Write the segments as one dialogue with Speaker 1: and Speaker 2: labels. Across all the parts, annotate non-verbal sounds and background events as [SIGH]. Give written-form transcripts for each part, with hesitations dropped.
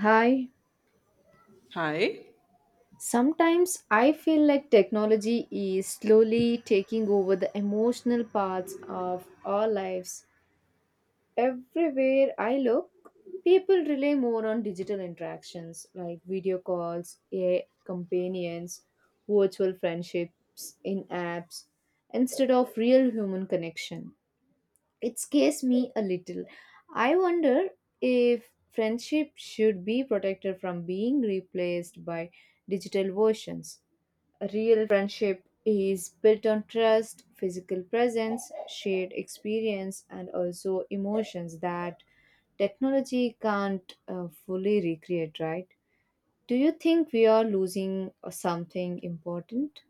Speaker 1: Hi.
Speaker 2: Hi.
Speaker 1: Sometimes I feel like technology is slowly taking over the emotional parts of our lives. Everywhere I look, people rely more on digital interactions like video calls, AI companions, virtual friendships in apps instead of real human connection. It scares me a little. I wonder if friendship should be protected from being replaced by digital versions. A real friendship is built on trust, physical presence, shared experience, and also emotions that technology can't fully recreate, right? Do you think we are losing something important?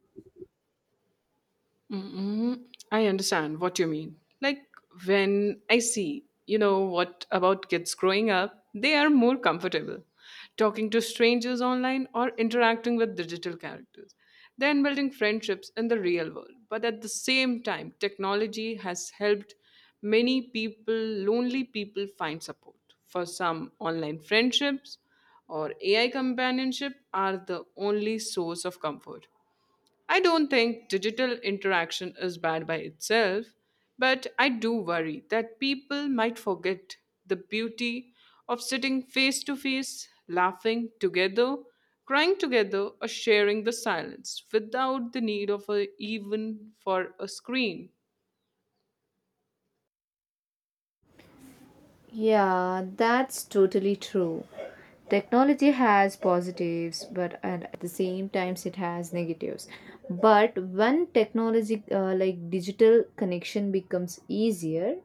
Speaker 2: Mm-mm. I understand what you mean. When I see, what about kids growing up, they are more comfortable talking to strangers online or interacting with digital characters than building friendships in the real world. But at the same time, technology has helped many people, lonely people, find support. For some, online friendships or AI companionship are the only source of comfort. I don't think digital interaction is bad by itself, but I do worry that people might forget the beauty of sitting face to face, laughing together, crying together, or sharing the silence without the need of a, even for a screen.
Speaker 1: Yeah, that's totally true. Technology has positives, but and at the same times it has negatives. But when technology like digital connection becomes easier,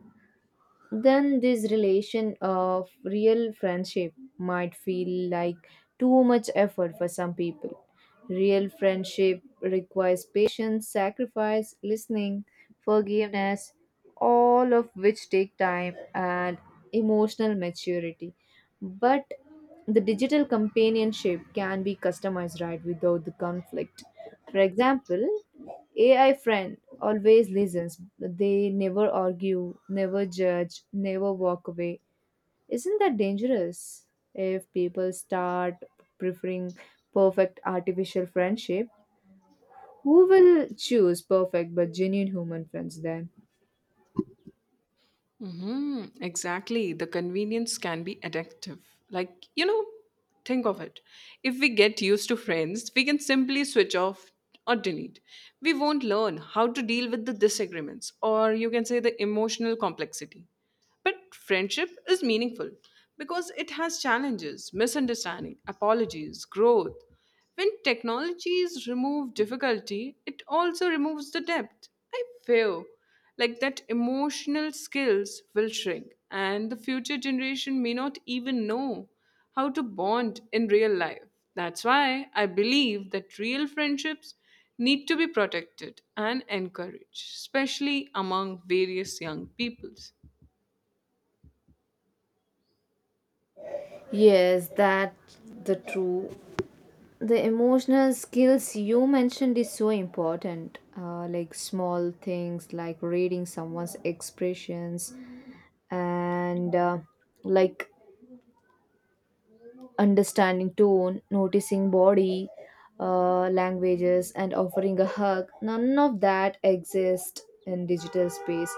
Speaker 1: then this relation of real friendship might feel like too much effort for some people. Real friendship requires patience, sacrifice, listening, forgiveness, all of which take time and emotional maturity. But the digital companionship can be customized right without the conflict. For example, AI friend always listens. They never argue, never judge, never walk away. Isn't that dangerous if people start preferring perfect artificial friendship? Who will choose perfect but genuine human friends then?
Speaker 2: Exactly. The convenience can be addictive. Like, you know, think of it. If we get used to friends, we can simply switch off or delete. We won't learn how to deal with the disagreements, or you can say the emotional complexity. But friendship is meaningful because it has challenges, misunderstanding, apologies, growth. When technologies remove difficulty, it also removes the depth. I feel like that emotional skills will shrink and the future generation may not even know how to bond in real life. That's why I believe that real friendships need to be protected and encouraged, especially among various young peoples.
Speaker 1: Yes, that the true. The emotional skills you mentioned is so important. Like small things like reading someone's expressions and like understanding tone, noticing body languages, and offering a hug. None of that exists in digital space.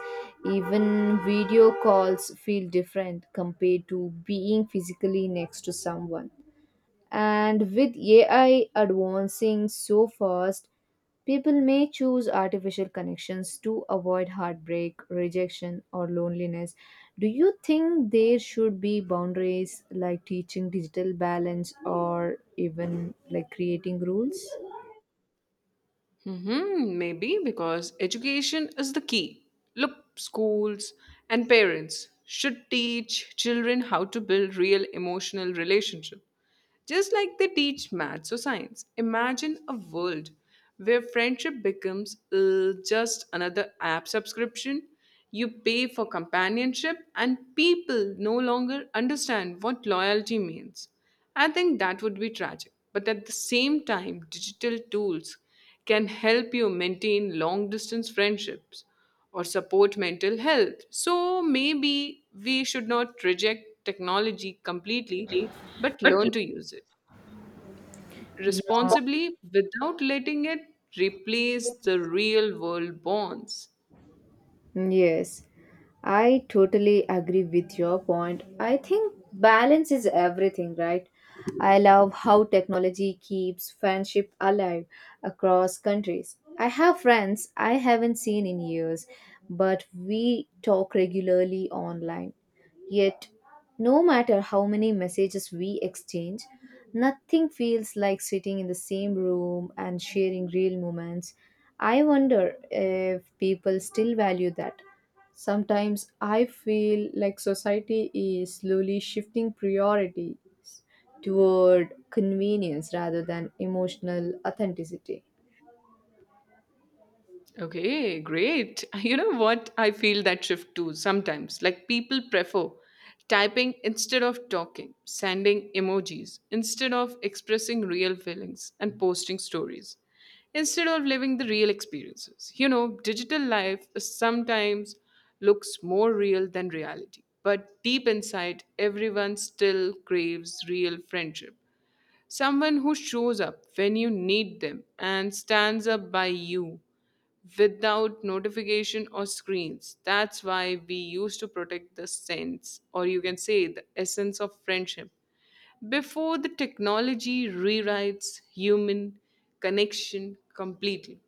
Speaker 1: Even video calls feel different compared to being physically next to someone. And with AI advancing so fast, people may choose artificial connections to avoid heartbreak, rejection, or loneliness. Do you think there should be boundaries like teaching digital balance or even like creating rules?
Speaker 2: Maybe because education is the key. Look, schools and parents should teach children how to build real emotional relationships. Just like they teach maths or science, imagine a world where friendship becomes just another app subscription. You pay for companionship, and people no longer understand what loyalty means. I think that would be tragic. But at the same time, digital tools can help you maintain long distance friendships or support mental health. So maybe we should not reject technology completely but learn to use it responsibly without letting it replace the real world bonds.
Speaker 1: Yes, I totally agree with your point. I think balance is everything, right? I love how technology keeps friendship alive across countries. I have friends I haven't seen in years, but we talk regularly online. Yet no matter how many messages we exchange, nothing feels like sitting in the same room and sharing real moments. I wonder if people still value that. Sometimes I feel like society is slowly shifting priorities toward convenience rather than emotional authenticity.
Speaker 2: Okay, great. [LAUGHS] You know what? I feel that shift too sometimes. Like people prefer typing instead of talking, sending emojis instead of expressing real feelings and posting stories, instead of living the real experiences. You know, digital life sometimes looks more real than reality. But deep inside, everyone still craves real friendship. Someone who shows up when you need them and stands up by you without notification or screens. That's why we used to protect the sense, or you can say the essence of friendship. Before the technology rewrites human connection completely.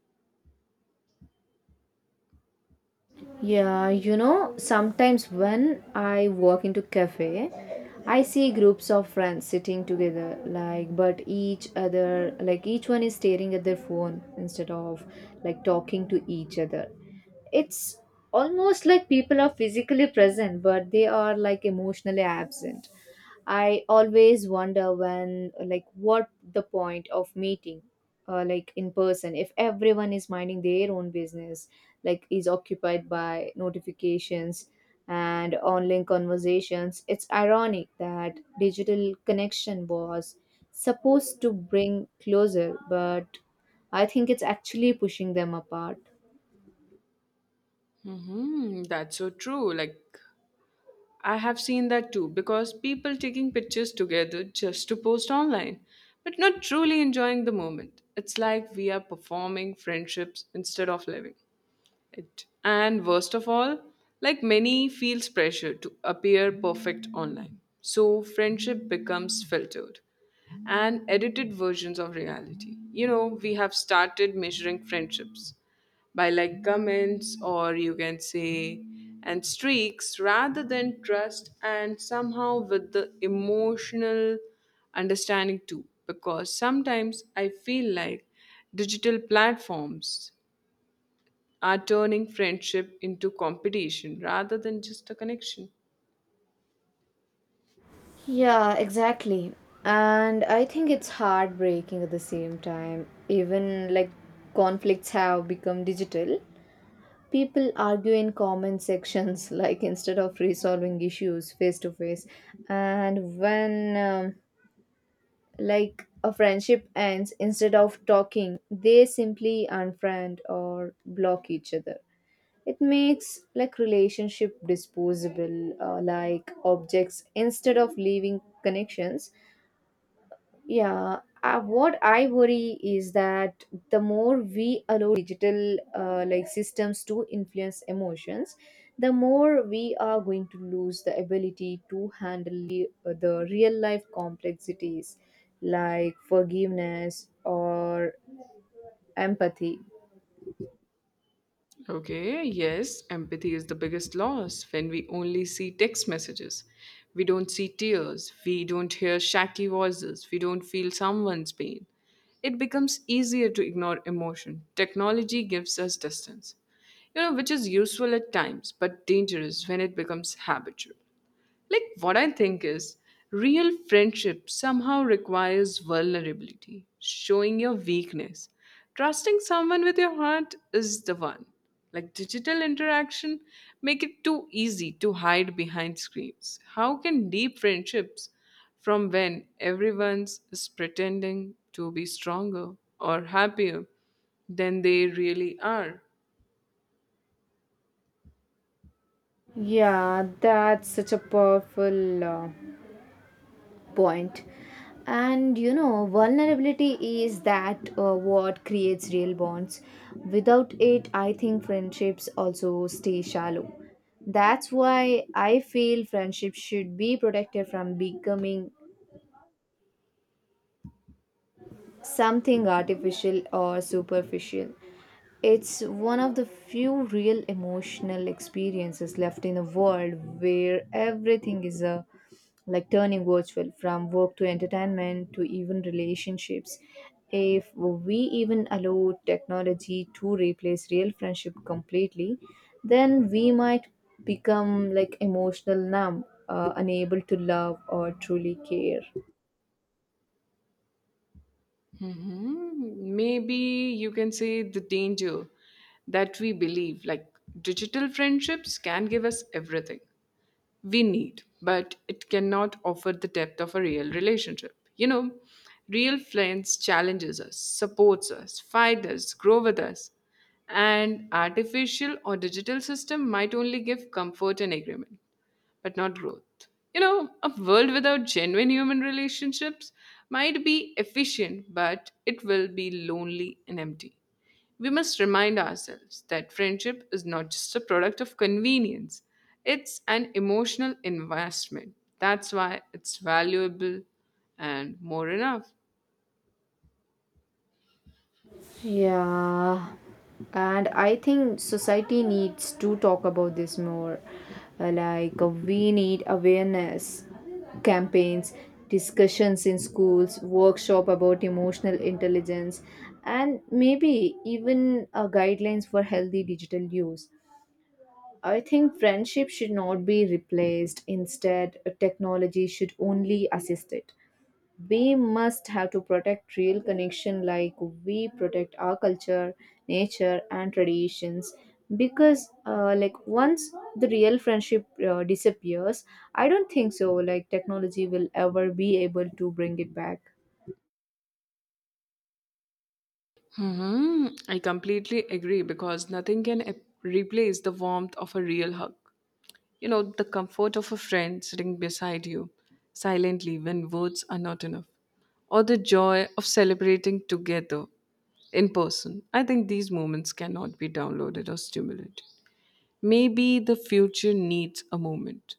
Speaker 1: Yeah, you know, sometimes when I walk into cafe, I see groups of friends sitting together, like, but each other, like, each one is staring at their phone instead of like talking to each other. It's almost like people are physically present, but they are like emotionally absent. I always wonder when, like, what the point of meeting, like in person, if everyone is minding their own business, like is occupied by notifications and online conversations. It's ironic that digital connection was supposed to bring closer, but I think it's actually pushing them apart.
Speaker 2: That's so true. I have seen that too because people taking pictures together just to post online, but not truly enjoying the moment. It's like we are performing friendships instead of living. It. And worst of all, like many, feels pressure to appear perfect online. So friendship becomes filtered and edited versions of reality. You know, we have started measuring friendships by like comments or you can say and streaks rather than trust and somehow with the emotional understanding too because sometimes I feel like digital platforms are turning friendship into competition rather than just a connection.
Speaker 1: Yeah, exactly. And I think it's heartbreaking at the same time. Even like conflicts have become digital. People argue in comment sections, [LAUGHS] like instead of resolving issues face to face. And when like a friendship ends, instead of talking, they simply unfriend or block each other. It makes like relationship disposable, like objects instead of leaving connections. Yeah, what I worry is that the more we allow digital like systems to influence emotions, the more we are going to lose the ability to handle the real life complexities like forgiveness or empathy.
Speaker 2: Okay, yes, empathy is the biggest loss when we only see text messages. We don't see tears, we don't hear shaky voices, we don't feel someone's pain. It becomes easier to ignore emotion. Technology gives us distance, you know, which is useful at times but dangerous when it becomes habitual. Like, what I think is, real friendship somehow requires vulnerability, showing your weakness. Trusting someone with your heart is the one. Like digital interaction, make it too easy to hide behind screens. How can deep friendships from when everyone's is pretending to be stronger or happier than they really are?
Speaker 1: Yeah, that's such a powerful point. And you know vulnerability is that what creates real bonds. Without it I think friendships also stay shallow. That's why I feel friendship should be protected from becoming something artificial or superficial. It's one of the few real emotional experiences left in a world where everything is a like turning virtual from work to entertainment to even relationships. If we even allow technology to replace real friendship completely, then we might become like emotional numb, unable to love or truly care.
Speaker 2: Maybe you can say the danger that we believe like digital friendships can give us everything we need, but it cannot offer the depth of a real relationship. You know, real friends challenges us, supports us, fight us, grow with us. And artificial or digital system might only give comfort and agreement but not growth. You know, a world without genuine human relationships might be efficient, but it will be lonely and empty. We must remind ourselves that friendship is not just a product of convenience, it's an emotional investment. That's why it's valuable and more enough.
Speaker 1: Yeah, and I think society needs to talk about this more. We need awareness campaigns, discussions in schools, workshop about emotional intelligence, and maybe even guidelines for healthy digital use. I think friendship should not be replaced. Instead, technology should only assist it. We must have to protect real connection like we protect our culture nature and traditions, because like once the real friendship disappears I don't think so like technology will ever be able to bring it back.
Speaker 2: Hmm, I completely agree because nothing can replace the warmth of a real hug. You know, the comfort of a friend sitting beside you silently when words are not enough, or the joy of celebrating together in person. I think these moments cannot be downloaded or stimulated. Maybe the future needs a moment,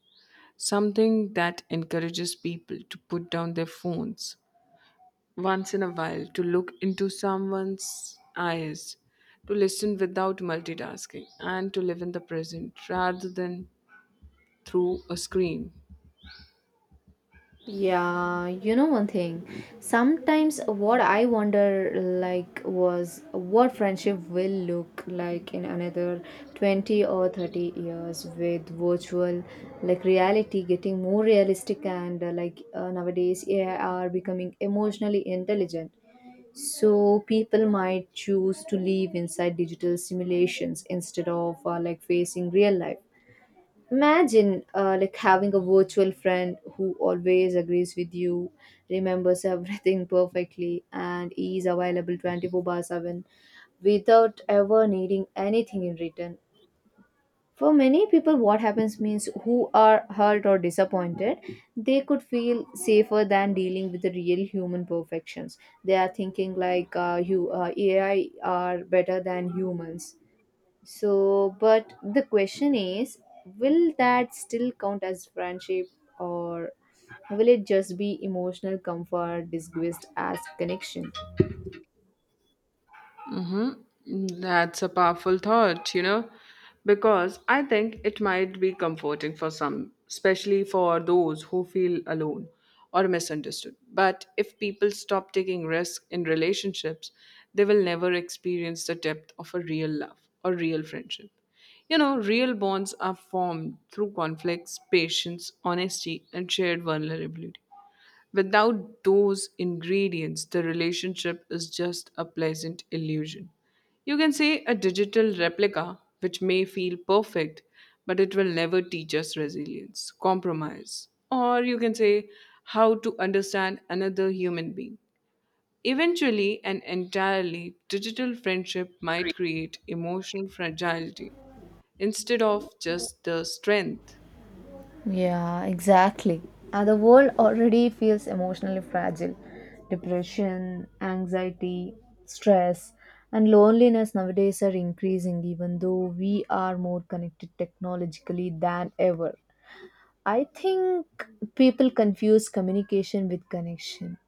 Speaker 2: something that encourages people to put down their phones once in a while, to look into someone's eyes, to listen without multitasking, and to live in the present rather than through a screen.
Speaker 1: Yeah, you know one thing. Sometimes what I wonder like was what friendship will look like in another 20 or 30 years with virtual like reality getting more realistic and nowadays AI are becoming emotionally intelligent. So people might choose to live inside digital simulations instead of like facing real life. Imagine like having a virtual friend who always agrees with you, remembers everything [LAUGHS] perfectly, and is available 24 by 7 without ever needing anything in return. For many people, what happens means who are hurt or disappointed, they could feel safer than dealing with the real human perfections. They are thinking like AI are better than humans so, but the question is, will that still count as friendship or will it just be emotional comfort disguised as connection?
Speaker 2: Mm, that's a powerful thought, you know, because I think it might be comforting for some, especially for those who feel alone or misunderstood. But if people stop taking risks in relationships, they will never experience the depth of a real love or real friendship. You know, real bonds are formed through conflicts, patience, honesty, and shared vulnerability. Without those ingredients, the relationship is just a pleasant illusion. You can say a digital replica, which may feel perfect, but it will never teach us resilience, compromise, or you can say how to understand another human being. Eventually, an entirely digital friendship might create emotional fragility instead of just the strength.
Speaker 1: Yeah, exactly. And the world already feels emotionally fragile. Depression, anxiety, stress, and loneliness nowadays are increasing, even though we are more connected technologically than ever. I think people confuse communication with connection.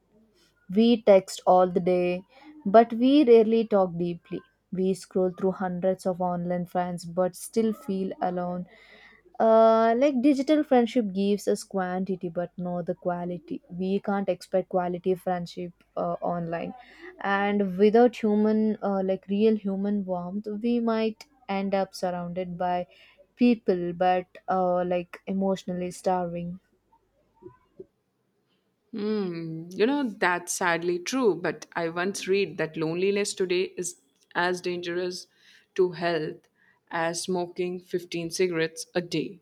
Speaker 1: We text all the day, but we rarely talk deeply. We scroll through hundreds of online friends, but still feel alone. Like digital friendship gives us quantity, but not the quality. We can't expect quality friendship online, and without human, like real human warmth, we might end up surrounded by people, but like emotionally starving.
Speaker 2: Hmm, you know, that's sadly true, but I once read that loneliness today is as dangerous to health as smoking 15 cigarettes a day.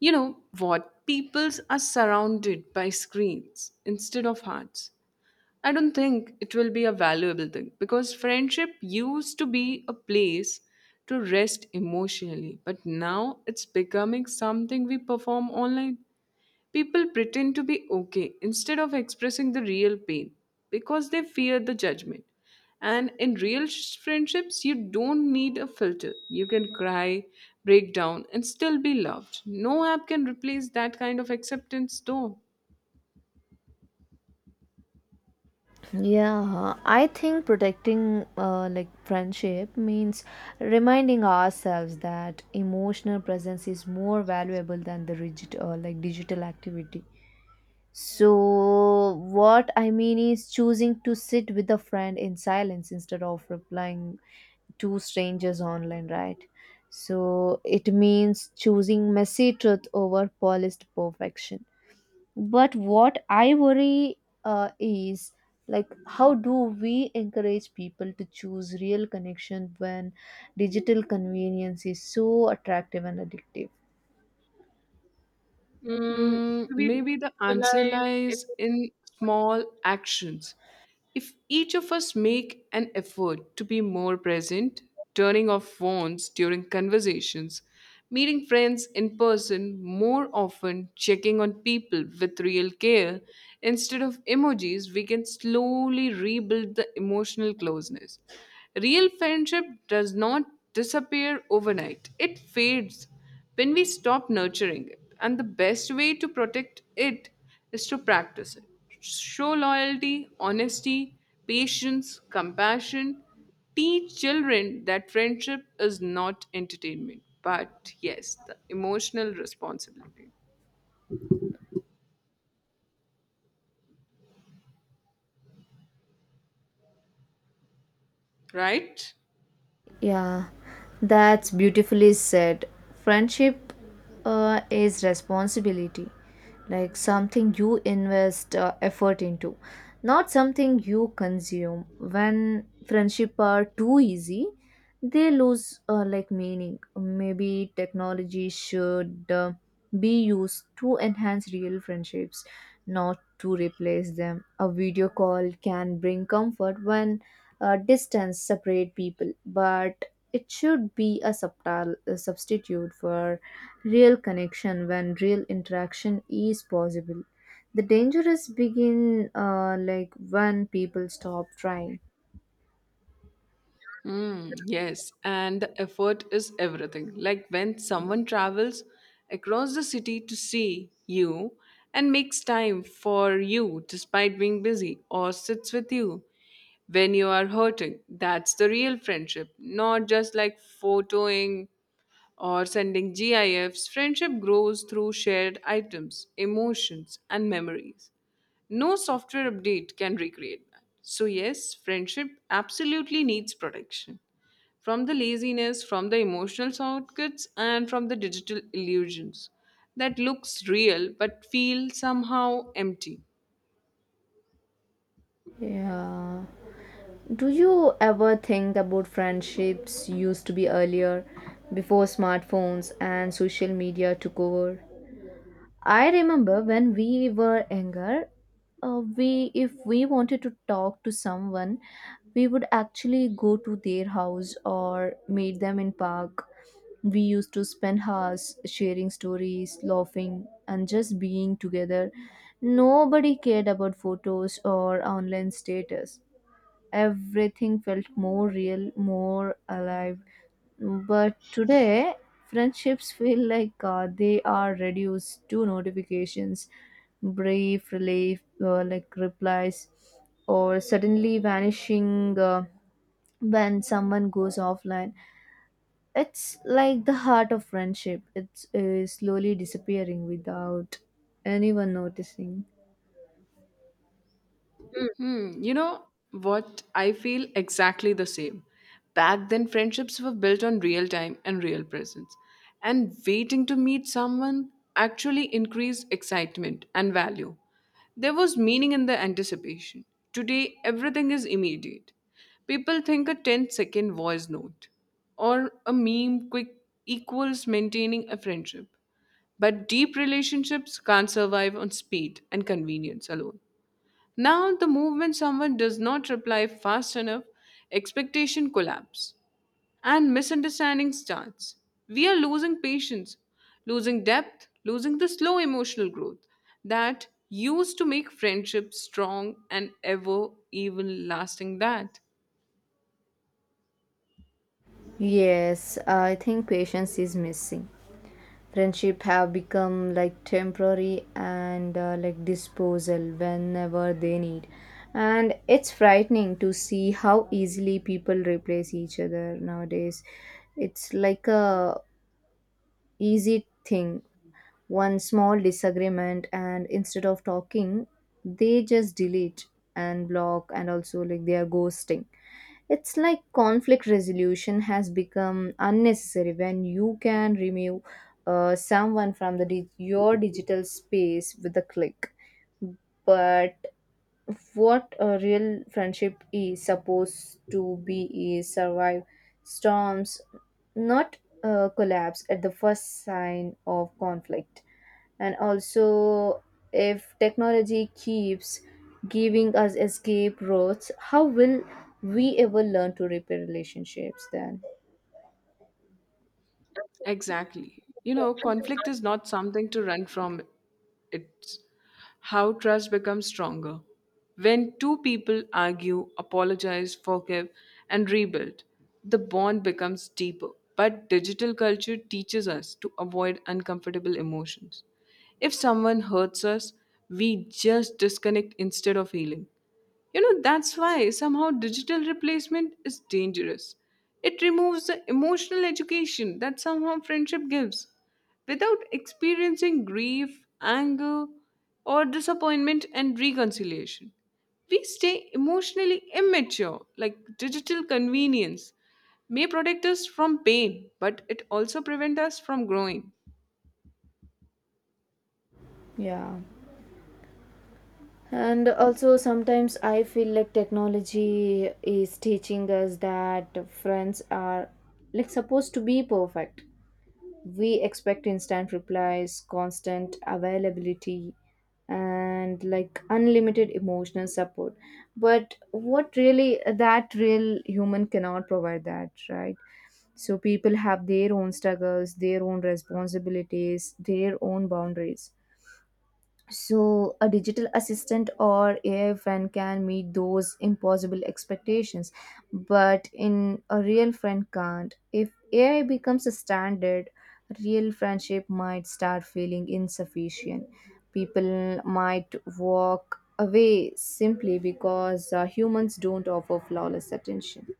Speaker 2: You know what? Peoples are surrounded by screens instead of hearts. I don't think it will be a valuable thing because friendship used to be a place to rest emotionally, but now it's becoming something we perform online. People pretend to be okay instead of expressing the real pain because they fear the judgment. And in real friendships, you don't need a filter. You can cry, break down, and still be loved. No app can replace that kind of acceptance, though.
Speaker 1: Yeah, I think protecting like friendship means reminding ourselves that emotional presence is more valuable than the rigid like digital activity. So what I mean is choosing to sit with a friend in silence instead of replying to strangers online, right? So it means choosing messy truth over polished perfection. But what I worry is like how do we encourage people to choose real connection when digital convenience is so attractive and addictive?
Speaker 2: Mm, maybe the answer lies in small actions. If each of us make an effort to be more present, turning off phones during conversations, meeting friends in person more often, checking on people with real care instead of emojis, we can slowly rebuild the emotional closeness. Real friendship does not disappear overnight, it fades when we stop nurturing it. And the best way to protect it is to practice it. Show loyalty, honesty, patience, compassion. Teach children that friendship is not entertainment, but yes, the emotional responsibility. Right?
Speaker 1: Yeah, that's beautifully said. Friendship is responsibility, like something you invest effort into, not something you consume. When friendship are too easy, they lose like meaning. Maybe technology should be used to enhance real friendships, not to replace them. A video call can bring comfort when distance separate people, but it should be a subtle a substitute for real connection when real interaction is possible. The dangers begin like when people stop trying.
Speaker 2: Mm, yes, and the effort is everything. Like when someone travels across the city to see you and makes time for you despite being busy or sits with you when you are hurting, that's the real friendship, not just like photoing or sending GIFs, friendship grows through shared items, emotions, and memories. No software update can recreate that. So, yes, friendship absolutely needs protection from the laziness, from the emotional shortcuts, and from the digital illusions that looks real but feel somehow empty.
Speaker 1: Yeah. Do you ever think about friendships used to be earlier before smartphones and social media took over? I remember when we were younger, we if we wanted to talk to someone, we would actually go to their house or meet them in park. We used to spend hours sharing stories, laughing, and just being together. Nobody cared about photos or online status. Everything felt more real, more alive. But today, friendships feel like they are reduced to notifications, brief relief, like replies, or suddenly vanishing when someone goes offline. It's like the heart of friendship. It's slowly disappearing without anyone noticing.
Speaker 2: Hmm, you know what? I feel exactly the same. Back then, friendships were built on real time and real presence. And waiting to meet someone actually increased excitement and value. There was meaning in the anticipation. Today, everything is immediate. People think a ten-second voice note or a meme quick equals maintaining a friendship. But deep relationships can't survive on speed and convenience alone. Now, the moment someone does not reply fast enough, expectation collapse and misunderstanding starts. We are losing patience, losing depth, losing the slow emotional growth that used to make friendship strong and ever even lasting that.
Speaker 1: Yes, I think patience is missing. Friendship have become like temporary and like disposal whenever they need. And it's frightening to see how easily people replace each other nowadays. It's like a easy thing. One small disagreement, and instead of talking they just delete and block, and also like they are ghosting. It's like conflict resolution has become unnecessary when you can remove someone from the dig- your digital space with a click. But what a real friendship is supposed to be is survive storms, not collapse at the first sign of conflict. And also if technology keeps giving us escape routes, how will we ever learn to repair relationships then?
Speaker 2: Exactly. You know, conflict is not something to run from. It's how trust becomes stronger. When two people argue, apologize, forgive, and rebuild, the bond becomes deeper. But digital culture teaches us to avoid uncomfortable emotions. If someone hurts us, we just disconnect instead of healing. You know, that's why somehow digital replacement is dangerous. It removes the emotional education that somehow friendship gives. Without experiencing grief, anger, or disappointment and reconciliation, we stay emotionally immature, like digital convenience may protect us from pain, but it also prevents us from growing.
Speaker 1: Yeah, and also sometimes I feel like technology is teaching us that friends are like supposed to be perfect. We expect instant replies, constant availability, and like unlimited emotional support. But what really that real human cannot provide that, right? So people have their own struggles, their own responsibilities, their own boundaries. So, a digital assistant or AI friend can meet those impossible expectations, but in a real friend can't. If AI becomes a standard, real friendship might start feeling insufficient. People might walk away simply because humans don't offer flawless attention.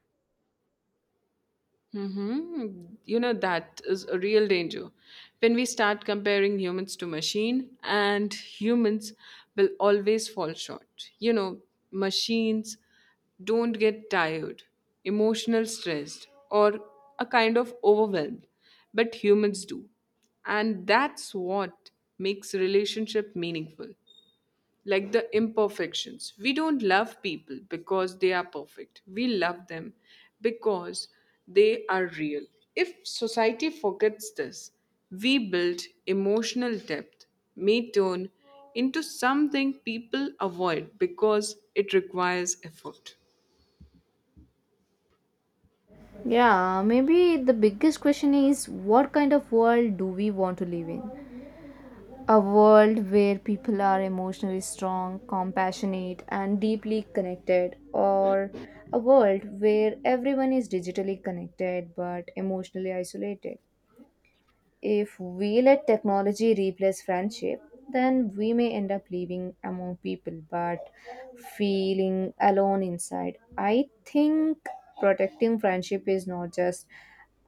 Speaker 2: Mm-hmm. You know, that is a real danger. When we start comparing humans to machine, and humans will always fall short. You know, machines don't get tired, emotional stressed, or a kind of overwhelmed, but humans do. And that's what makes relationship meaningful like the imperfections. We don't love people because they are perfect. We love them because they are real. If society forgets this, we build emotional depth may turn into something people avoid because it requires effort.
Speaker 1: Yeah, maybe the biggest question is what kind of world do we want to live in? A world where people are emotionally strong, compassionate, and deeply connected, or a world where everyone is digitally connected but emotionally isolated. If we let technology replace friendship, then we may end up living among people but feeling alone inside. I think protecting friendship is not just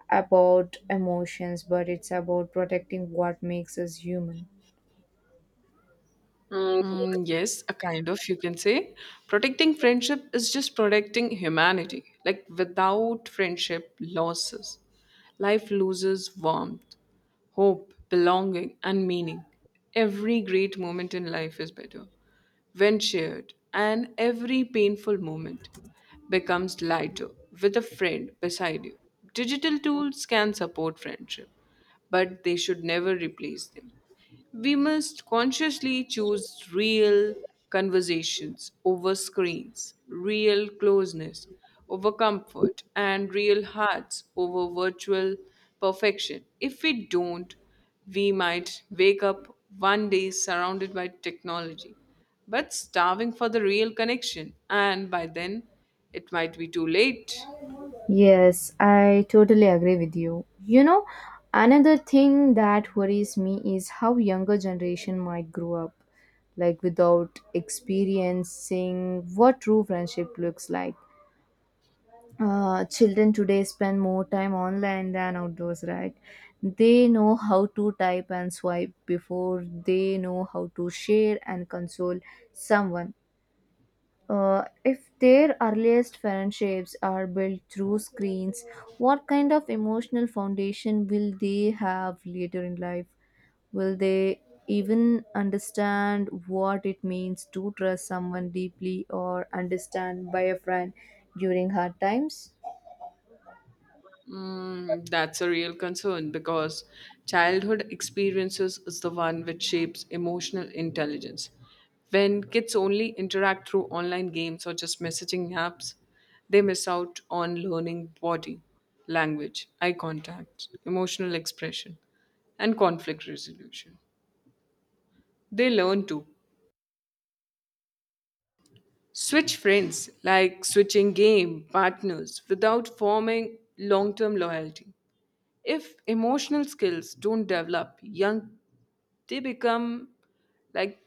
Speaker 1: about emotions, but it's about protecting what makes us human.
Speaker 2: Mm, yes, a kind of, you can say. Protecting friendship is just protecting humanity. Like, without friendship, losses. Life loses warmth, hope, belonging, and meaning. Every great moment in life is better when shared, and every painful moment becomes lighter with a friend beside you. Digital tools can support friendship, but they should never replace them. We must consciously choose real conversations over screens, real closeness over comfort, and real hearts over virtual perfection. If we don't, we might wake up one day surrounded by technology, but starving for the real connection, and by then it might be too late.
Speaker 1: Yes, I totally agree with you. You know, another thing that worries me is how younger generation might grow up like without experiencing what true friendship looks like. Children today spend more time online than outdoors, right? They know how to type and swipe before they know how to share and console someone. If their earliest friendships are built through screens, what kind of emotional foundation will they have later in life? Will they even understand what it means to trust someone deeply or understand by a friend during hard times?
Speaker 2: Mm, that's a real concern because childhood experiences is the one which shapes emotional intelligence. When kids only interact through online games or just messaging apps, they miss out on learning body, language, eye contact, emotional expression, and conflict resolution. They learn to switch friends, like switching game partners, without forming long term loyalty. If emotional skills don't develop young, they become like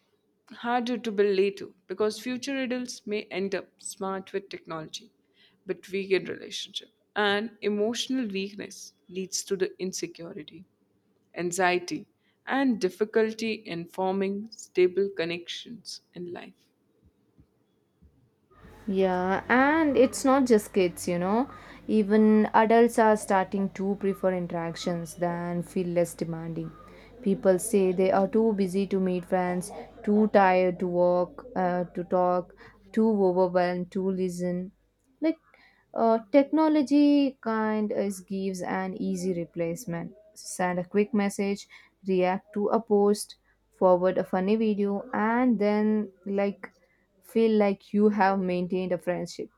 Speaker 2: harder to build later because future adults may end up smart with technology but weak in relationship. And emotional weakness leads to the insecurity, anxiety, and difficulty in forming stable connections in life.
Speaker 1: Yeah, and it's not just kids, you know. Even adults are starting to prefer interactions than feel less demanding. People say they are too busy to meet friends, too tired to walk, to talk, too overwhelmed to listen. Like, technology kind is gives an easy replacement. Send a quick message, react to a post, forward a funny video, and then like feel like you have maintained a friendship.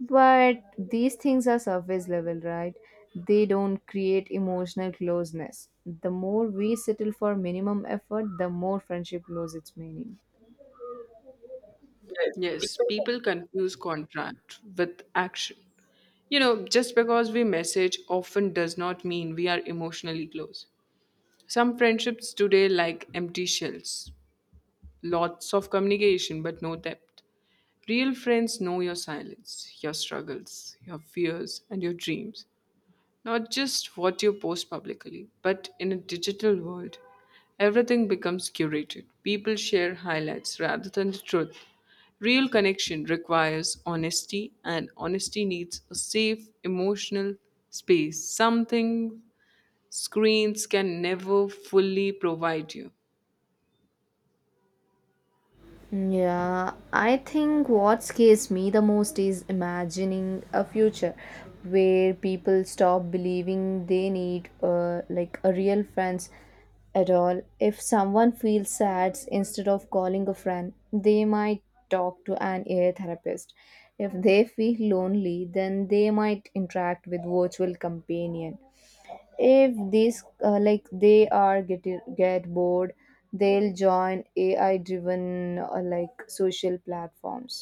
Speaker 1: But these things are surface level, right? They don't create emotional closeness. The more we settle for minimum effort, the more friendship loses its meaning.
Speaker 2: Yes, people confuse contract with action. You know, just because we message often does not mean we are emotionally close. Some friendships today like empty shells, lots of communication but no depth. Real friends know your silence, your struggles, your fears, and your dreams. Not just what you post publicly, but in a digital world, everything becomes curated. People share highlights rather than the truth. Real connection requires honesty, and honesty needs a safe emotional space, something screens can never fully provide you.
Speaker 1: Yeah, I think what scares me the most is imagining a future where people stop believing they need like a real friends at all. If someone feels sad, instead of calling a friend, they might talk to an ear therapist. If they feel lonely, then they might interact with virtual companion. If these like they are get bored, they'll join AI driven like social platforms.